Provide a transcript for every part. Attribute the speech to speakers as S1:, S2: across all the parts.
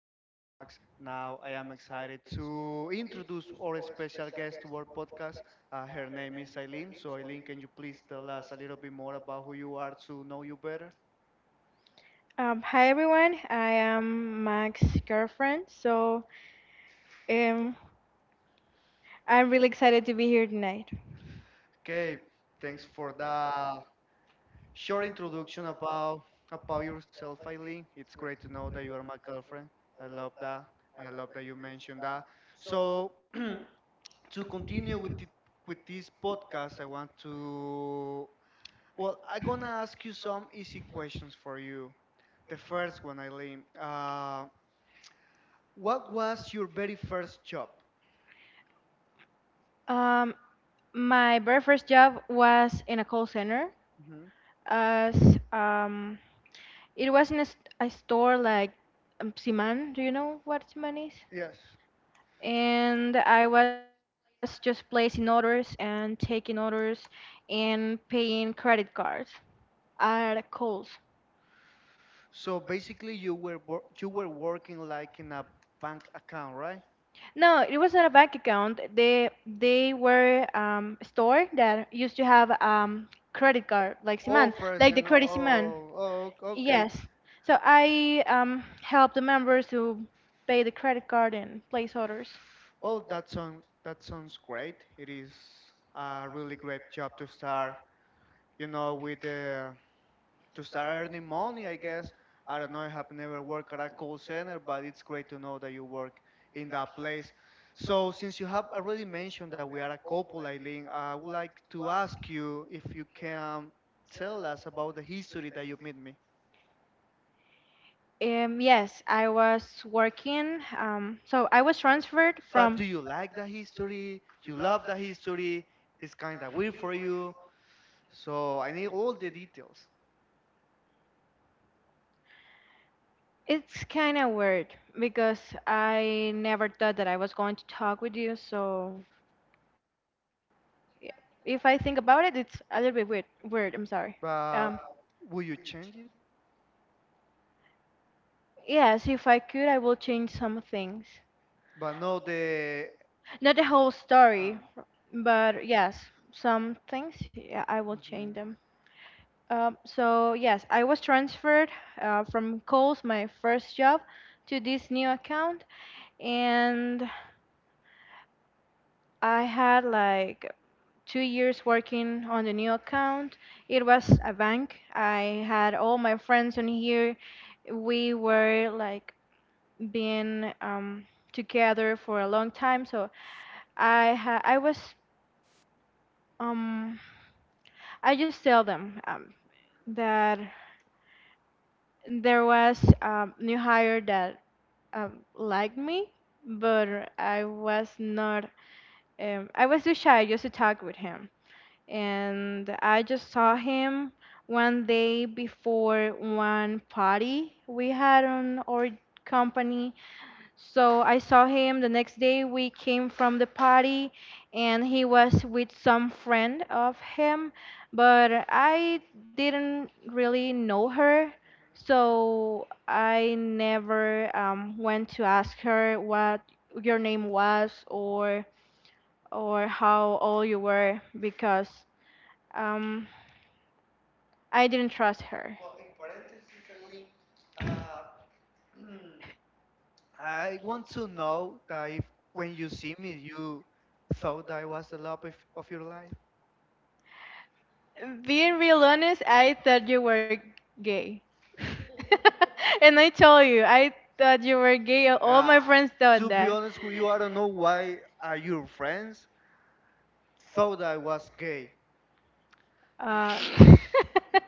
S1: This is Max. Now I am excited to introduce our special guest to our podcast. Her name is Eileen. So Eileen, can you please tell us a little bit more about who you are to know you better?
S2: Hi everyone, I am Max's girlfriend, so um, I'm really excited to be here tonight.
S1: Okay, thanks for the short introduction about yourself, Eileen. It's great to know that you are my girlfriend. I love that. I love that you mentioned that. So to continue with it, with this podcast, I want to well, I'm gonna ask you some easy questions for you. The first one, Eileen. What was your very first job?
S2: Um, my very first job was in a call center,
S1: Hmm.
S2: as um, it was in a store like Siman. Do you know what Siman is?
S1: Yes.
S2: And I was just placing orders and taking orders and paying credit cards at calls.
S1: So basically, you were you were working like in a bank account, right?
S2: No, it was not a bank account. They were a store that used to have credit card like
S1: Oh,
S2: Siman,
S1: first
S2: like the
S1: and oh,
S2: credit Siman.
S1: oh, oh, okay.
S2: Yes. So I helped the members to pay the credit card and place orders.
S1: Well, that sounds great. It is a really great job to start. You know, with the to start earning money, I guess. I don't know, I have never worked at a call center, but it's great to know that you work in that place. So, since you have already mentioned that we are a couple, Eileen, I would like to ask you if you can tell us about the history that you meet me.
S2: Yes, I was working. So I was transferred
S1: But do
S2: from—
S1: you like the history? You love the history? It's kind of weird for you. So, I need all the details.
S2: It's kind of weird because I never thought that I was going to talk with you. So i- if I think about it, it's a little bit weird. Weird. I'm sorry. Um,
S1: But will you change it?
S2: yes, if I could, I will change some things.
S1: But no, the.
S2: Not the whole story,
S1: Um,
S2: but yes, some things. Yeah, I will change
S1: mm-hmm.
S2: them. So yes, I was transferred from Kohl's, my first job, to this new account, and I had like 2 years working on the new account. It was a bank. I had all my friends on here. We were like being together for a long time. So I ha- I was um, I just tell them that there was a new hire that liked me, but I was not. I was too shy just to talk with him. And I just saw him one day before one party we had on our company. So I saw him the next day we came from the party and he was with some friend of him, but I didn't really know her. So I never went to ask her what your name was or how old you were because um, I didn't trust her.
S1: I want to know that if when you see me, you thought that I was the love of your life.
S2: Being real honest, I thought you were gay. And I told you, I thought you were gay. All
S1: Yeah.
S2: my friends thought
S1: To be
S2: that.
S1: honest with you, I don't know why are your friends thought I was gay.
S2: Uh,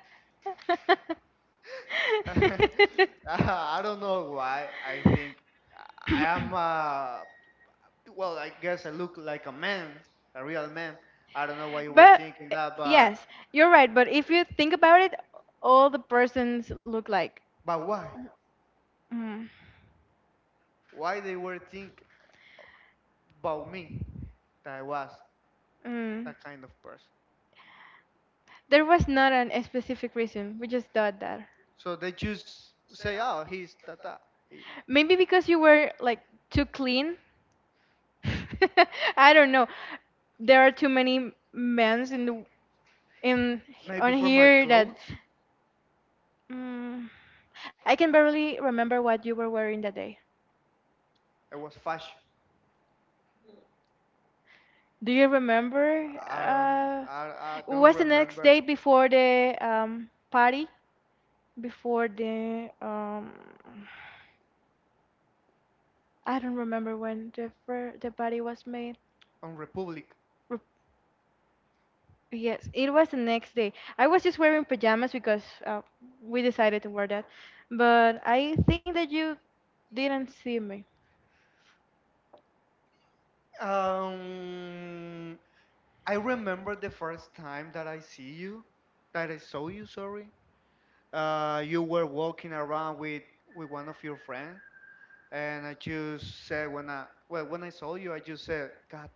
S1: I don't know why. I think I am. Well, I guess I look like a man, a real man. I don't know why you were
S2: but
S1: thinking that, but
S2: yes, you're right. But if you think about it, all the persons look like.
S1: why?
S2: Mm,
S1: Why they were think about me that I was
S2: mm.
S1: that kind of person?
S2: There was not a specific reason. We just thought that.
S1: So they just say, "Oh, he's tata." He-
S2: Maybe because you were like too clean. I don't know. There are too many men's in the in
S1: Maybe
S2: on
S1: for my
S2: here that
S1: clothes,
S2: mm, I can barely remember what you were wearing that day.
S1: it was fashion.
S2: Do you remember?
S1: I don't,
S2: Uh,
S1: I, I don't
S2: was the next
S1: remember
S2: day before the party? Before the I don't remember when the party was made.
S1: on Republic.
S2: Yes, it was the next day. I was just wearing pajamas because we decided to wear that. But I think that you didn't see me.
S1: Um, I remember the first time that I saw you. Sorry, you were walking around with one of your friends, and I just said when I well when I saw you, I just said, "God,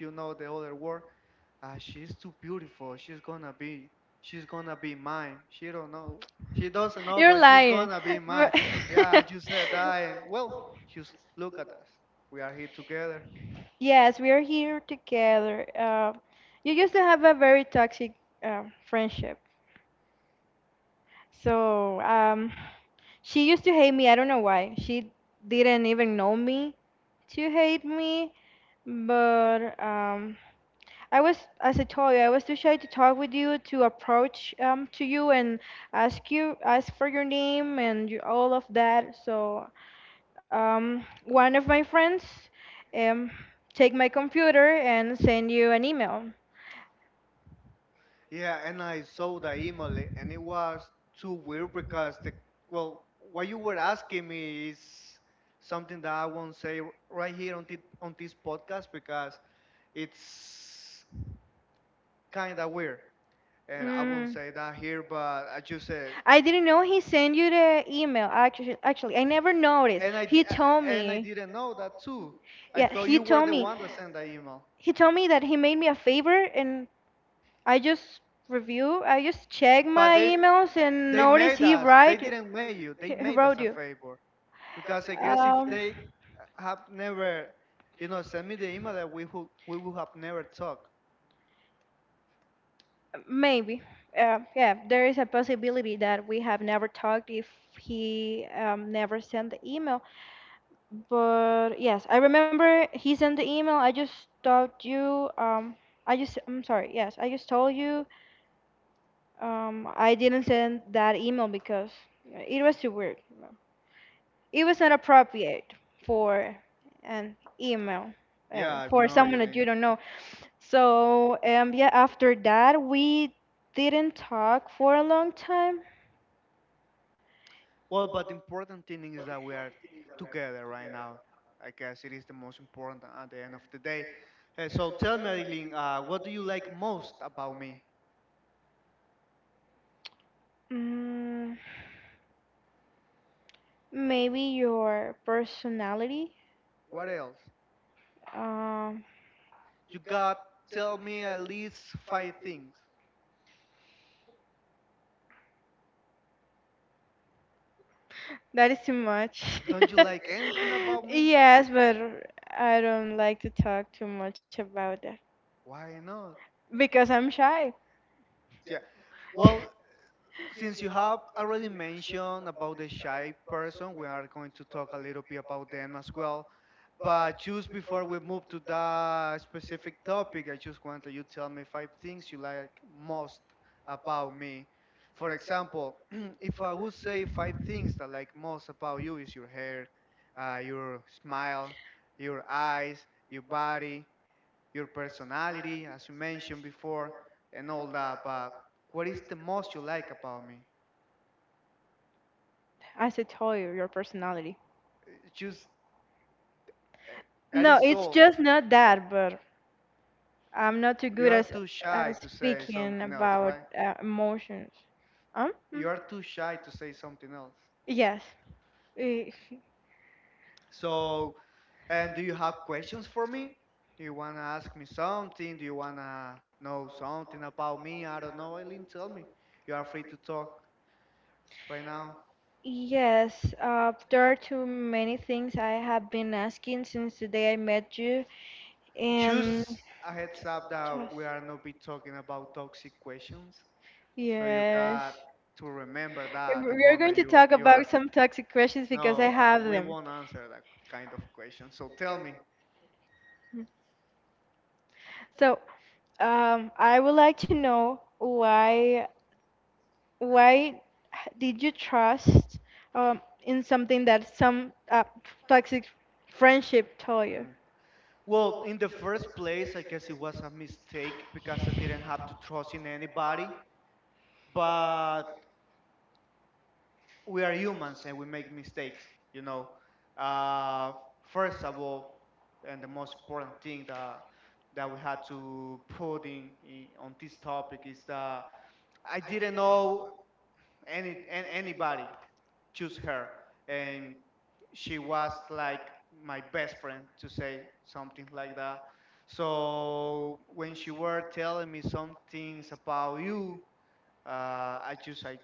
S1: you know the other word." Ah, she's too beautiful. She's gonna be mine. She don't know. She doesn't know,
S2: You're
S1: but she's
S2: lying.
S1: gonna be mine.
S2: But-
S1: Yeah, you said that. And, well, just look at us. We are here together.
S2: yes, we are here together. You used to have a very toxic uh, friendship. So she used to hate me. I don't know why. She didn't even know me to hate me. But I was, as I told you, I was too shy to talk with you, to approach to you and ask you, ask for your name and you, all of that. So one of my friends um, take my computer and send you an email.
S1: Yeah, and I saw the email, and it was too weird because what you were asking me is something that I won't say right here on this podcast because it's kind of weird, and I won't
S2: Mm.
S1: say that here. But I just said
S2: I didn't know he sent you the email. Actually, I never noticed.
S1: and I di-
S2: He told
S1: uh, and I
S2: me.
S1: didn't know that too.
S2: Yeah,
S1: I thought
S2: he
S1: you
S2: told
S1: were
S2: me.
S1: the one that sent the email,
S2: He told me that he made me a favor and I just I just check
S1: but
S2: my
S1: they
S2: emails and
S1: they
S2: notice
S1: made
S2: he
S1: us. They
S2: write,
S1: didn't make you. They
S2: he
S1: made us
S2: wrote
S1: a
S2: you.
S1: favor because I guess if
S2: Um,
S1: they have never, you know, sent me the email, that we would have never talked.
S2: maybe. Yeah, there is a possibility that we have never talked if he never sent the email. But yes, I remember he sent the email. I just told you. I just. I'm sorry. Yes, I just told you. I didn't send that email because it was too weird. It was not appropriate for an email
S1: Yeah, I
S2: for
S1: know,
S2: someone that you
S1: Eileen.
S2: don't know. So yeah, after that we didn't talk for a long time.
S1: Well, but the important thing is that we are together right now. I guess it is the most important at the end of the day. So tell me, Eileen, what do you like most about me?
S2: Mm, maybe your personality.
S1: What else?
S2: Um,
S1: You got tell me at least five things.
S2: that is too much.
S1: Don't you like anything about me?
S2: Yes, but I don't like to talk too much about that
S1: Why not?
S2: because I'm shy.
S1: Yeah. Well, since you have already mentioned about the shy person, we are going to talk a little bit about them as well. But just before we move to that specific topic, I just want that you tell me five things you like most about me. For example, if I would say five things that I like most about you is your hair, your smile, your eyes, your body, your personality, as you mentioned before, and all that. But what is the most you like about me?
S2: As I told you, your personality.
S1: Just uh, that
S2: No,
S1: is
S2: it's
S1: all.
S2: just not that, but I'm not too
S1: You
S2: good
S1: are
S2: as
S1: too shy to say
S2: speaking
S1: something else,
S2: about
S1: right?
S2: emotions. Mm.
S1: You are too shy to say something else.
S2: Yes. Uh,
S1: So, and do you have questions for me? Do you want to ask me something? Do you want to know something about me? I don't know. Eileen, tell me. You are free to talk right now.
S2: Yes, there are too many things I have been asking since the day I met you, and
S1: Choose
S2: just,
S1: a heads up that we are not be talking about toxic questions. So you
S2: yes,
S1: got to remember that the
S2: we are going
S1: moment
S2: to
S1: you
S2: talk
S1: you
S2: about
S1: ask.
S2: some toxic crushes because I
S1: No,
S2: have
S1: we
S2: them.
S1: won't answer that kind of question. So tell me.
S2: So I would like to know why did you trust in something that some toxic friendship told you?
S1: Hmm. Well, in the first place, I guess it was a mistake because I didn't have to trust in anybody. But we are humans and we make mistakes, you know. Uh, First of all, and the most important thing that we had to put in on this topic is that I didn't know anybody choose her, and she was like my best friend to say something like that. So when she were telling me some things about you, I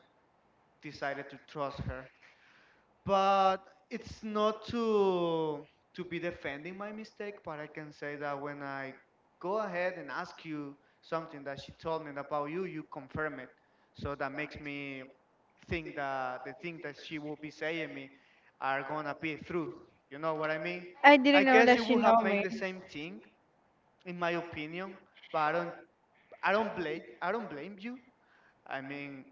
S1: decided to trust her. But it's not to be defending my mistake, but I can say that when I go ahead and ask you something that she told me about you, you confirm it. So that makes me think that the thing that she will be saying me are gonna be true, you know what I mean?
S2: I
S1: I
S2: didn't know
S1: guess
S2: that
S1: you
S2: she
S1: would
S2: know
S1: have made
S2: me.
S1: the same thing in my opinion, but I don't blame you. I mean,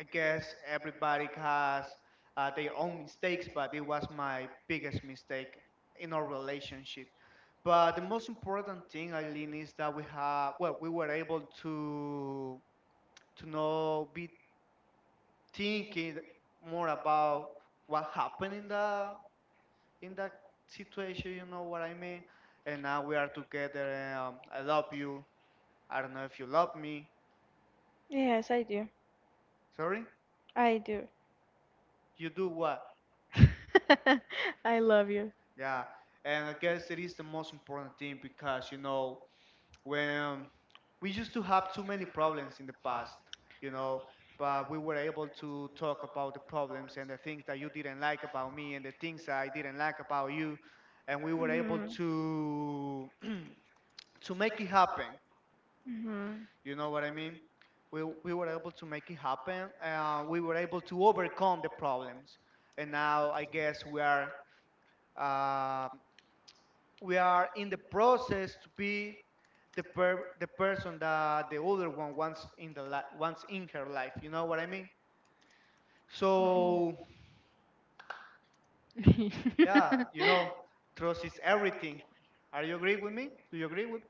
S1: I guess everybody has their own mistakes, but it was my biggest mistake in our relationship. But the most important thing, Eileen, is that we have well, we were able to know be thinking more about what happened in that situation. You know what I mean? And now we are together. And I love you. I don't know if you love me.
S2: Yes, I do.
S1: Sorry,
S2: I do.
S1: you do what?
S2: I love you.
S1: Yeah, and I guess it is the most important thing because you know when we used to have too many problems in the past, you know, but we were able to talk about the problems and the things that you didn't like about me and the things that I didn't like about you, and we were able
S2: Mhm.
S1: to to make it happen.
S2: Mhm.
S1: You know what I mean? We were able to make it happen. We were able to overcome the problems, and now I guess we are. um we are in the process to be the person that the other one wants in the wants in her life. You know what I mean? So yeah, you know, trust is everything. Are you agree with me? Do you agree with me?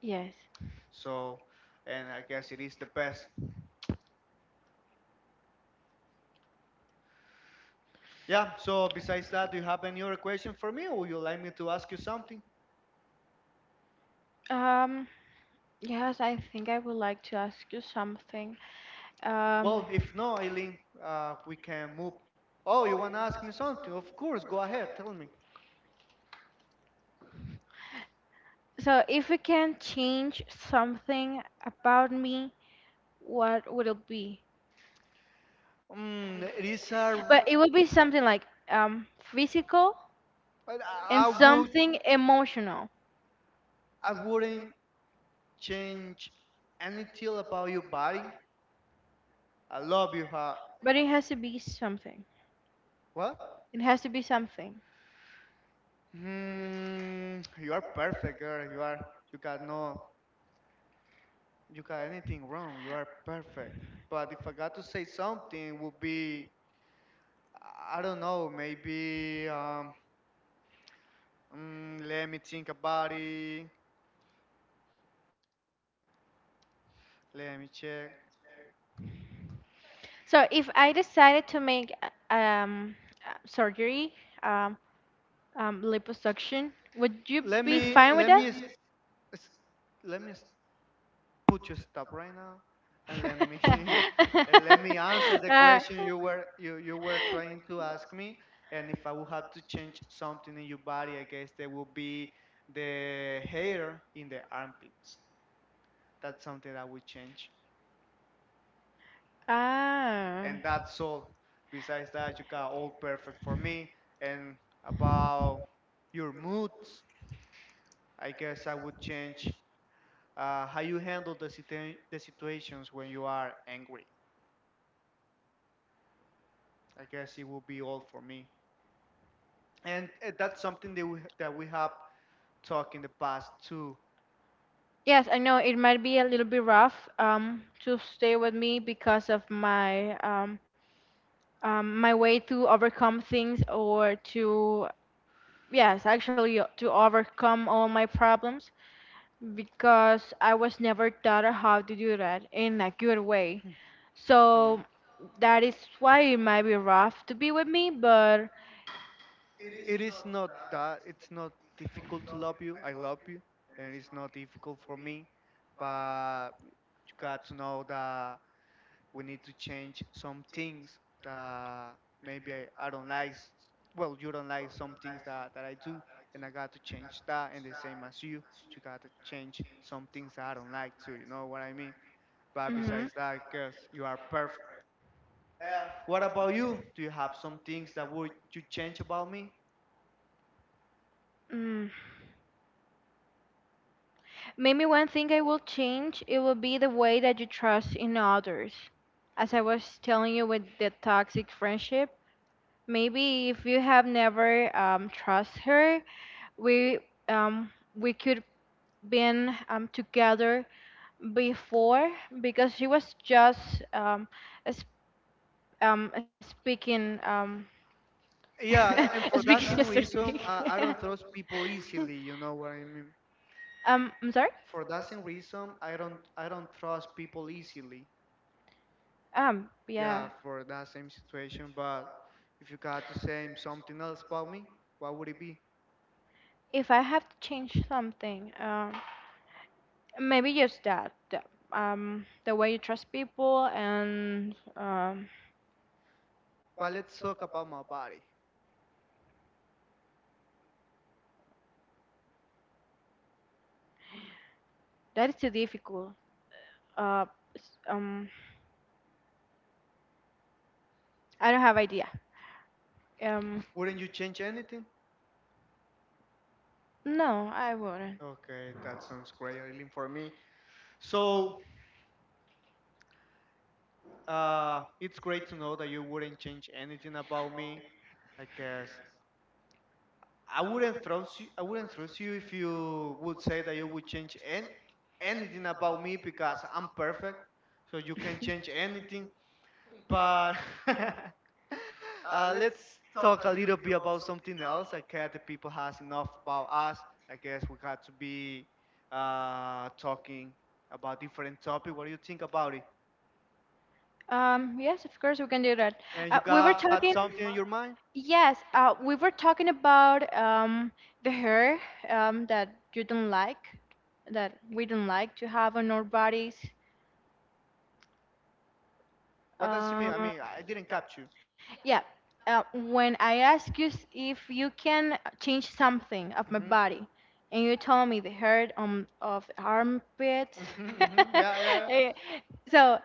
S2: Yes.
S1: So, and I guess it is the best. Yeah. So besides that, do you have any other question for me, or would you like me to ask you something?
S2: Um, yes, I think I would like to ask you something. Um,
S1: Well, if no, Eileen, we can move. Oh, you want to ask me something? Of course, go ahead. Tell me.
S2: so if we can change something about me, what would it be?
S1: It is a
S2: But it would be something like physical
S1: but I
S2: and
S1: I would
S2: something emotional.
S1: I wouldn't change anything about your body. I love you. Ha,
S2: But it has to be something.
S1: what?
S2: It has to be something.
S1: Hmm, you are perfect, girl. You are. You got no. You got anything wrong. You are perfect. But if I got to say something, it would be I don't know. Maybe let me think about it. Let me check.
S2: So if I decided to make uh, um, surgery, um, liposuction, would you
S1: Let
S2: be
S1: me.
S2: fine with
S1: Let
S2: that?
S1: me. S- Let me could you stop right now and let me and let me answer the question you were you were trying to ask me? And if I would have to change something in your body, I guess there would be the hair in the armpits. That's something I would change.
S2: Uh,
S1: And that's all. Besides that, you got all perfect for me. And
S2: Ah.
S1: about your moods, I guess I would change how you handle the, the situations when you are angry. I guess it will be all for me. And that's something that that we have talked in the past too.
S2: Yes, I know it might be a little bit rough to stay with me because of my my way to overcome things or to yes, actually to overcome all my problems because I was never taught how to do that in a good way.
S1: Mhm.
S2: So that is why it might be rough to be with me, but
S1: It is not that it's not difficult to love you. I love you, and it's not difficult for me, but you got to know that we need to change some things that maybe I don't like well you don't like some things that I do, and I got to change that and the same as you. You got to change some things that I don't like too, you know what I mean? But
S2: mhm,
S1: besides that, I guess you are perfect. What about you? Do you have some things that would you change about me?
S2: mm. Maybe one thing I will change, it will be the way that you trust in others. As I was telling you with the toxic friendship, maybe if you have never trust her, we um, we could been together before because she was just sp- speaking
S1: Yes, and for
S2: speaking
S1: that
S2: just
S1: same
S2: speaking.
S1: reason, I don't trust people easily. You know what I mean?
S2: I'm sorry.
S1: For that same reason, I don't trust people easily.
S2: Yeah.
S1: Yeah, for that same situation. But if you got to say something else about me, what would it be?
S2: If I have to change something, maybe just that, the way you trust people, and
S1: But let's talk about my body.
S2: that is too difficult. Uh, s- um, I don't have idea. Um,
S1: Wouldn't you change anything?
S2: no, I wouldn't.
S1: Okay, that sounds great, Eileen, for me. So, it's great to know that you wouldn't change anything about me. I guess I wouldn't trust you. I wouldn't trust you if you would say that you would change an anything about me because I'm perfect. So you can change anything. But let's talk a little bit about something else. I guess the people has enough about us. I guess we got to be talking about different topic. What do you think about it?
S2: Yes, of course we can do that.
S1: And
S2: Uh,
S1: you
S2: we were
S1: got
S2: talking,
S1: something in your mind?
S2: yes, we were talking about the hair that you don't like, that we don't like to have on our bodies.
S1: What does it mean?
S2: Um,
S1: I mean, I didn't catch you.
S2: yeah, when I ask you if you can change something of my
S1: Mhm.
S2: body, and you told me the hair on of armpit,
S1: Mhm. Mhm. Yeah, yeah, yeah.
S2: eh, so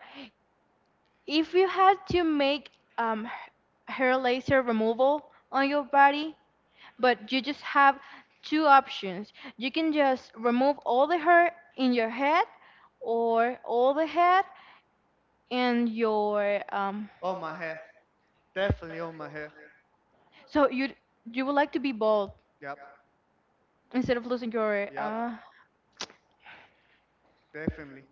S2: if you had to make um, h- hair laser removal on your body, but you just have two options, you can just remove all the hair in your head or all the head and your
S1: Oh, my hair. Definitely, oh my hair.
S2: so you would like to be bald
S1: Yep.
S2: instead of losing your
S1: Yep. Definitely.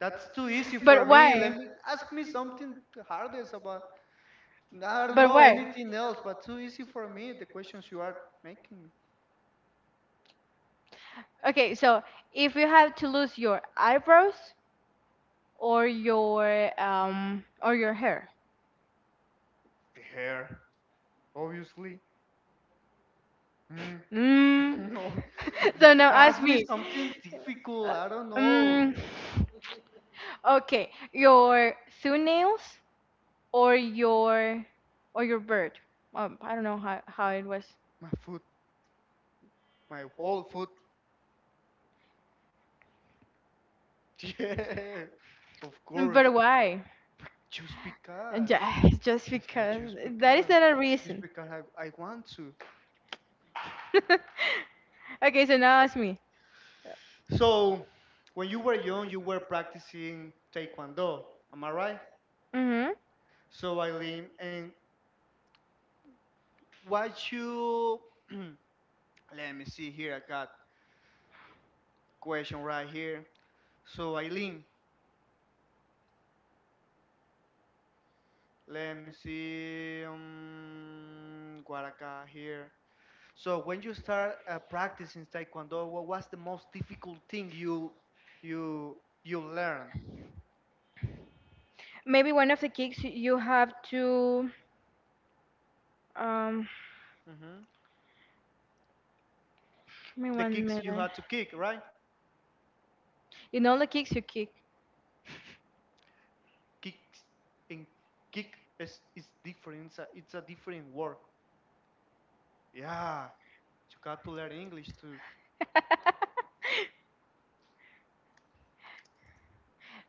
S1: That's too easy for
S2: but
S1: me. Let
S2: why?
S1: me ask me something harder about I don't
S2: But
S1: know
S2: why?
S1: anything else, but too easy for me. The questions you are making me.
S2: Okay, so if you have to lose your eyebrows or your hair.
S1: The hair, obviously. Mm.
S2: Mm.
S1: No.
S2: So now ask
S1: Ask me
S2: me.
S1: something difficult. I don't know.
S2: Um, okay, your toenails or your bird. I don't know how it was.
S1: My foot, my whole foot. Yeah. Of
S2: Mm,
S1: course.
S2: but why?
S1: Just because.
S2: Yeah, just
S1: Yeah,
S2: because
S1: just
S2: that is
S1: because,
S2: not a
S1: just
S2: reason.
S1: because I want to.
S2: Okay, so now ask me.
S1: So, when you were young, you were practicing Taekwondo, am I right?
S2: Mm-hmm.
S1: So, Eileen, and what you, let me see here, I got question right here. So, Eileen, let me see what I got here. So, when you start practicing Taekwondo, what was the most difficult thing you, you learned?
S2: Maybe one of the gigs you have to. Um,
S1: Hmm.
S2: give me
S1: The
S2: one
S1: kicks
S2: minute.
S1: you had to kick, right?
S2: You know the gigs you kick.
S1: Kick and kick is different. It's a different word. Yeah, you got to learn English too.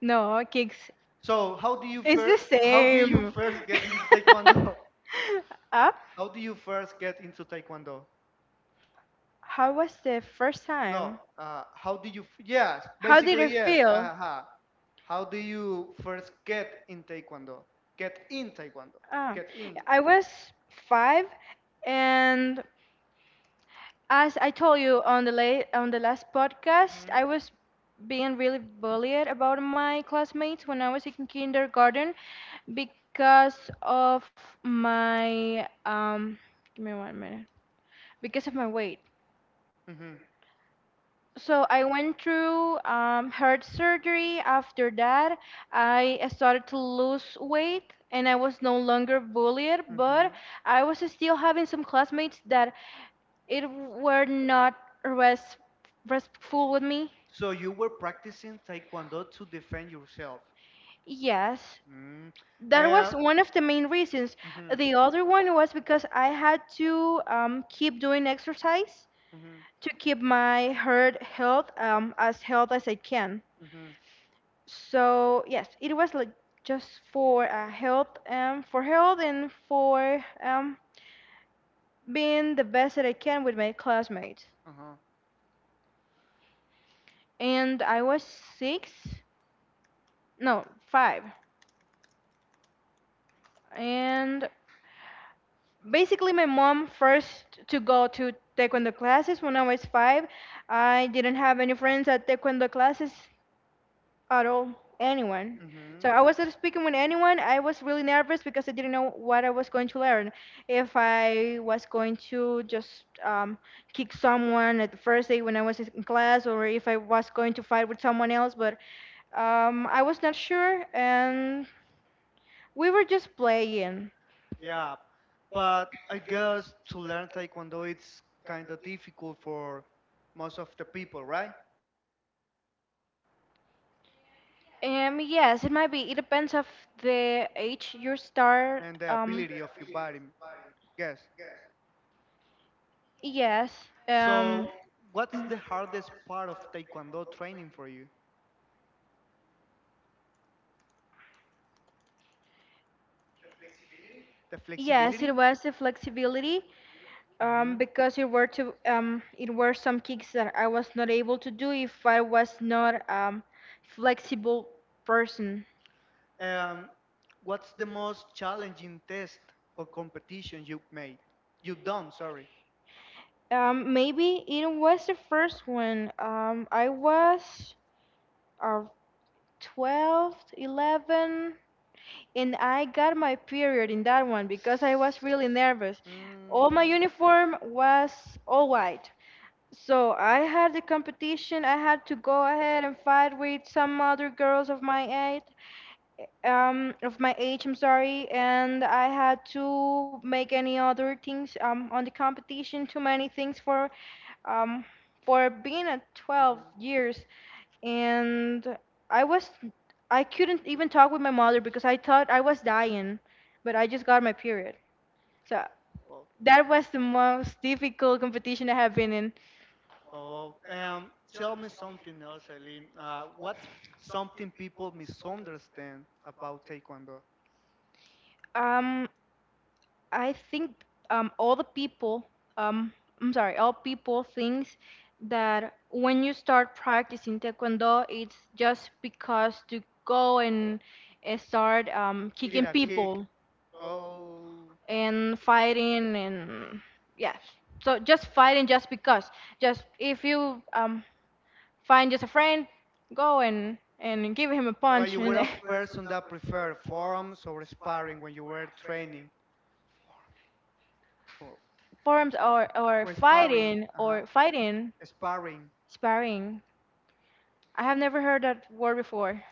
S2: No, gigs.
S1: So
S2: It's the
S1: how do you
S2: same.
S1: first get into taekwondo?
S2: Up?
S1: How do you first get into taekwondo?
S2: How was the first
S1: No,
S2: time?
S1: how do you? F- Yes,
S2: How did
S1: basically
S2: it
S1: yes.
S2: feel?
S1: Uh-huh. How do you first get in taekwondo? Get in taekwondo.
S2: Ah,
S1: Get in.
S2: I was five, and as I told you on the last podcast,
S1: Mhm.
S2: I was being really bullied about my classmates when I was in kindergarten because of my give me one minute because of my weight.
S1: Mhm.
S2: So I went through heart surgery. After that, I started to lose weight and I was no longer bullied, but
S1: Mhm.
S2: I was still having some classmates that it were not rest, restful with me.
S1: So you were practicing Taekwondo to defend yourself.
S2: Yes,
S1: Mm.
S2: that was
S1: And
S2: one of the main reasons.
S1: mhm,
S2: The other one was because I had to keep doing exercise
S1: mhm,
S2: to keep my heart health as health as I can.
S1: mhm,
S2: So yes, it was like just for health, for health and for being the best that I can with my classmates.
S1: uh-huh,
S2: And I was six, no, five, and basically my mom first to go to taekwondo classes when I was five. I didn't have any friends at taekwondo classes at all, anyone. So
S1: mhm.
S2: I wasn't speaking with anyone. I was really nervous because I didn't know what I was going to learn, if I was going to just kick someone at the first day when I was in class, or if I was going to fight with someone else. But I was not sure and we were just playing.
S1: Yeah, but I guess to learn Taekwondo it's kind of difficult for most of the people, right?
S2: Yes, it might be it depends of the age you start.
S1: And
S2: um,
S1: the ability of your body, yes.
S2: yes. um,
S1: So what's the hardest part of Taekwondo training for you? The flexibility.
S2: Yes, it was the flexibility
S1: Mhm.
S2: because it were some kicks that I was not able to do if I was not flexible person.
S1: Um, what's the most challenging test or competition you've made? You've done, sorry.
S2: Maybe it was the first one. I was uh, 12, 11, and I got my period in that one because I was really nervous. All my
S1: Mm,
S2: uniform was all white. So I had the competition. I had to go ahead and fight with some other girls of my age, I'm sorry, and I had to make any other things on the competition. Too many things for um for being at 12
S1: huh.
S2: years, and I was I couldn't even talk with my mother because I thought I was dying, but I just got my period. So
S1: Oh,
S2: that was the most difficult competition I have been in.
S1: oh, tell me something else, Eileen. What's something people misunderstand about Taekwondo?
S2: Um, I think all the people, um, I'm sorry, all people thinks that when you start practicing taekwondo, it's just because to go and start
S1: Hit
S2: kicking
S1: a kick.
S2: people
S1: Oh,
S2: and fighting and yeah. So just fighting just because. Just if you find just a friend, go and give him a
S1: but
S2: punch
S1: you were
S2: and.
S1: a person that preferred forms or sparring when you were training. Oh.
S2: forms or
S1: We're sparring.
S2: fighting
S1: Uh huh.
S2: or fighting
S1: Sparring.
S2: sparring. I have never heard that word before.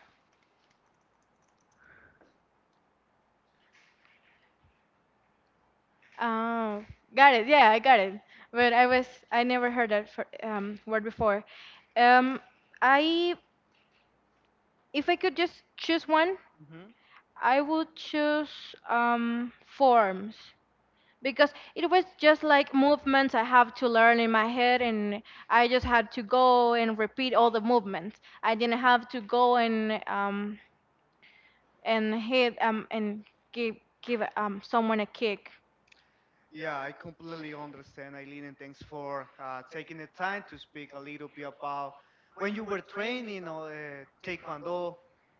S2: Oh, got it. Yeah, I got it. But I never heard that word before. Um, I if I could just choose one,
S1: Hmm.
S2: I would choose forms because it was just like movements I have to learn in my head, and I just had to go and repeat all the movements. I didn't have to go and hit and give give someone a kick.
S1: Yeah, I completely understand, Eileen, and thanks for taking the time to speak a little bit about when you were training Taekwondo,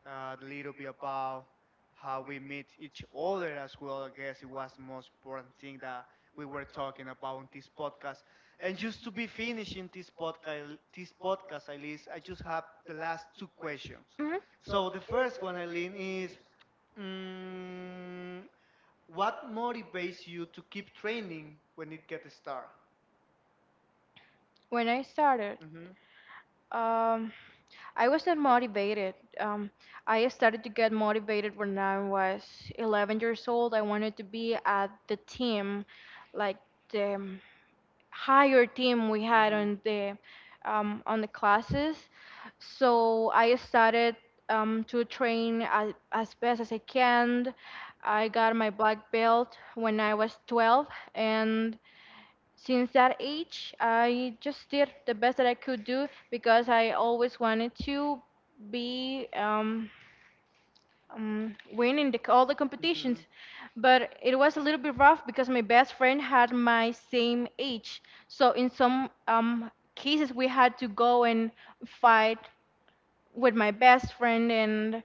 S1: a little bit about how we meet each other as well. I guess it was the most important thing that we were talking about on this podcast. And just to be finishing this podcast, Eileen, I just have the last two questions.
S2: Mhm.
S1: So the first one, Eileen, is. Mm, what motivates you to keep training when it gets started?
S2: When I started,
S1: Mm-hmm.
S2: um, I was not motivated. I started to get motivated when I was 11 years old. I wanted to be at the team, like the higher team we had
S1: Mm-hmm.
S2: on the on the classes. So I started to train as best as I can. I got my black belt when I was 12, and since that age, I just did the best that I could do because I always wanted to be win in the, all the competitions.
S1: Mm-hmm.
S2: But it was a little bit rough because my best friend had my same age. So in some cases, we had to go and fight with my best friend, and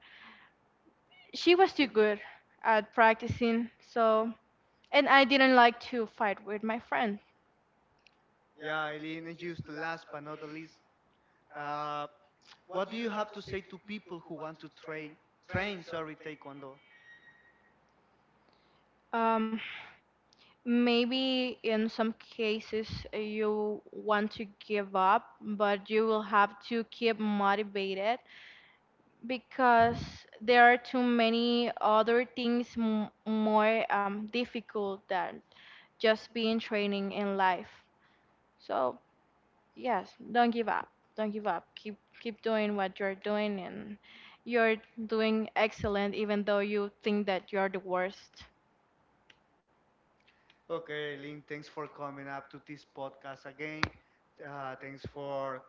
S2: she was too good at practicing. So, and I didn't like to fight with my friend.
S1: Yeah, Eileen, and just the last but not the least, uh, what do you have to say to people who want to sorry, Taekwondo?
S2: Um, Maybe in some cases you want to give up, but you will have to keep motivated because there are too many other things more difficult than just being training in life. So yes, don't give up. Don't give up. Keep doing what you're doing, and you're doing excellent, even though you think that you're the worst
S1: Okay, Eileen, thanks for coming up to this podcast again. Thanks for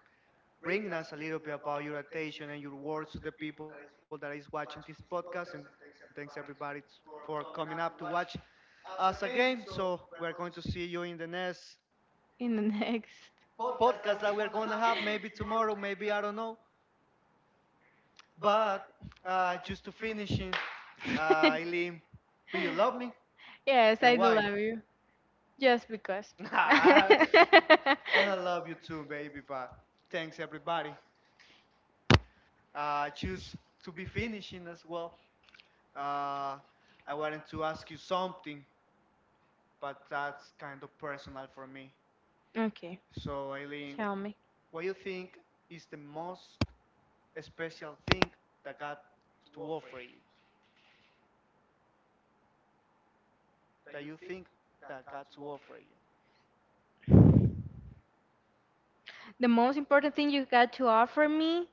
S1: bringing us a little bit about your attention and your words to the people that is watching this podcast. And thanks everybody for coming up to watch us again. So we're going to see you in the next
S2: in the next.
S1: podcast that we're going to have, maybe tomorrow, maybe I don't know. But just to finishing, uh, Eileen, do you love me
S2: Yes,
S1: and
S2: I do
S1: why?
S2: love you. Just because.
S1: And I love you too, baby. But thanks everybody. Choose to be finishing as well. Uh, I wanted to ask you something, but that's kind of personal for me.
S2: okay.
S1: So, Eileen,
S2: Tell me.
S1: what do you think is the most special thing that God to offer you? That you think that God to offer you?
S2: The most important thing you got to offer me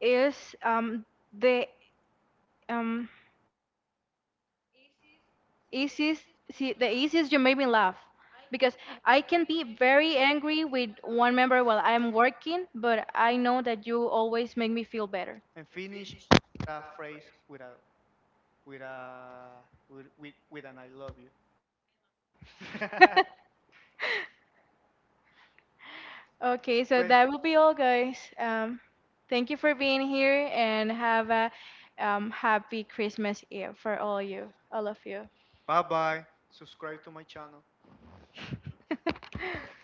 S2: is um, the um, easiest see, the easiest you made me laugh because I can be very angry with one member while I'm working, but I know that you always make me feel better.
S1: And finish that phrase with a with a with with an I love you.
S2: Okay, so
S1: Great.
S2: that will be all, guys. Thank you for being here and have a happy Christmas Eve for all you, all of you.
S1: Bye bye. Subscribe to my channel.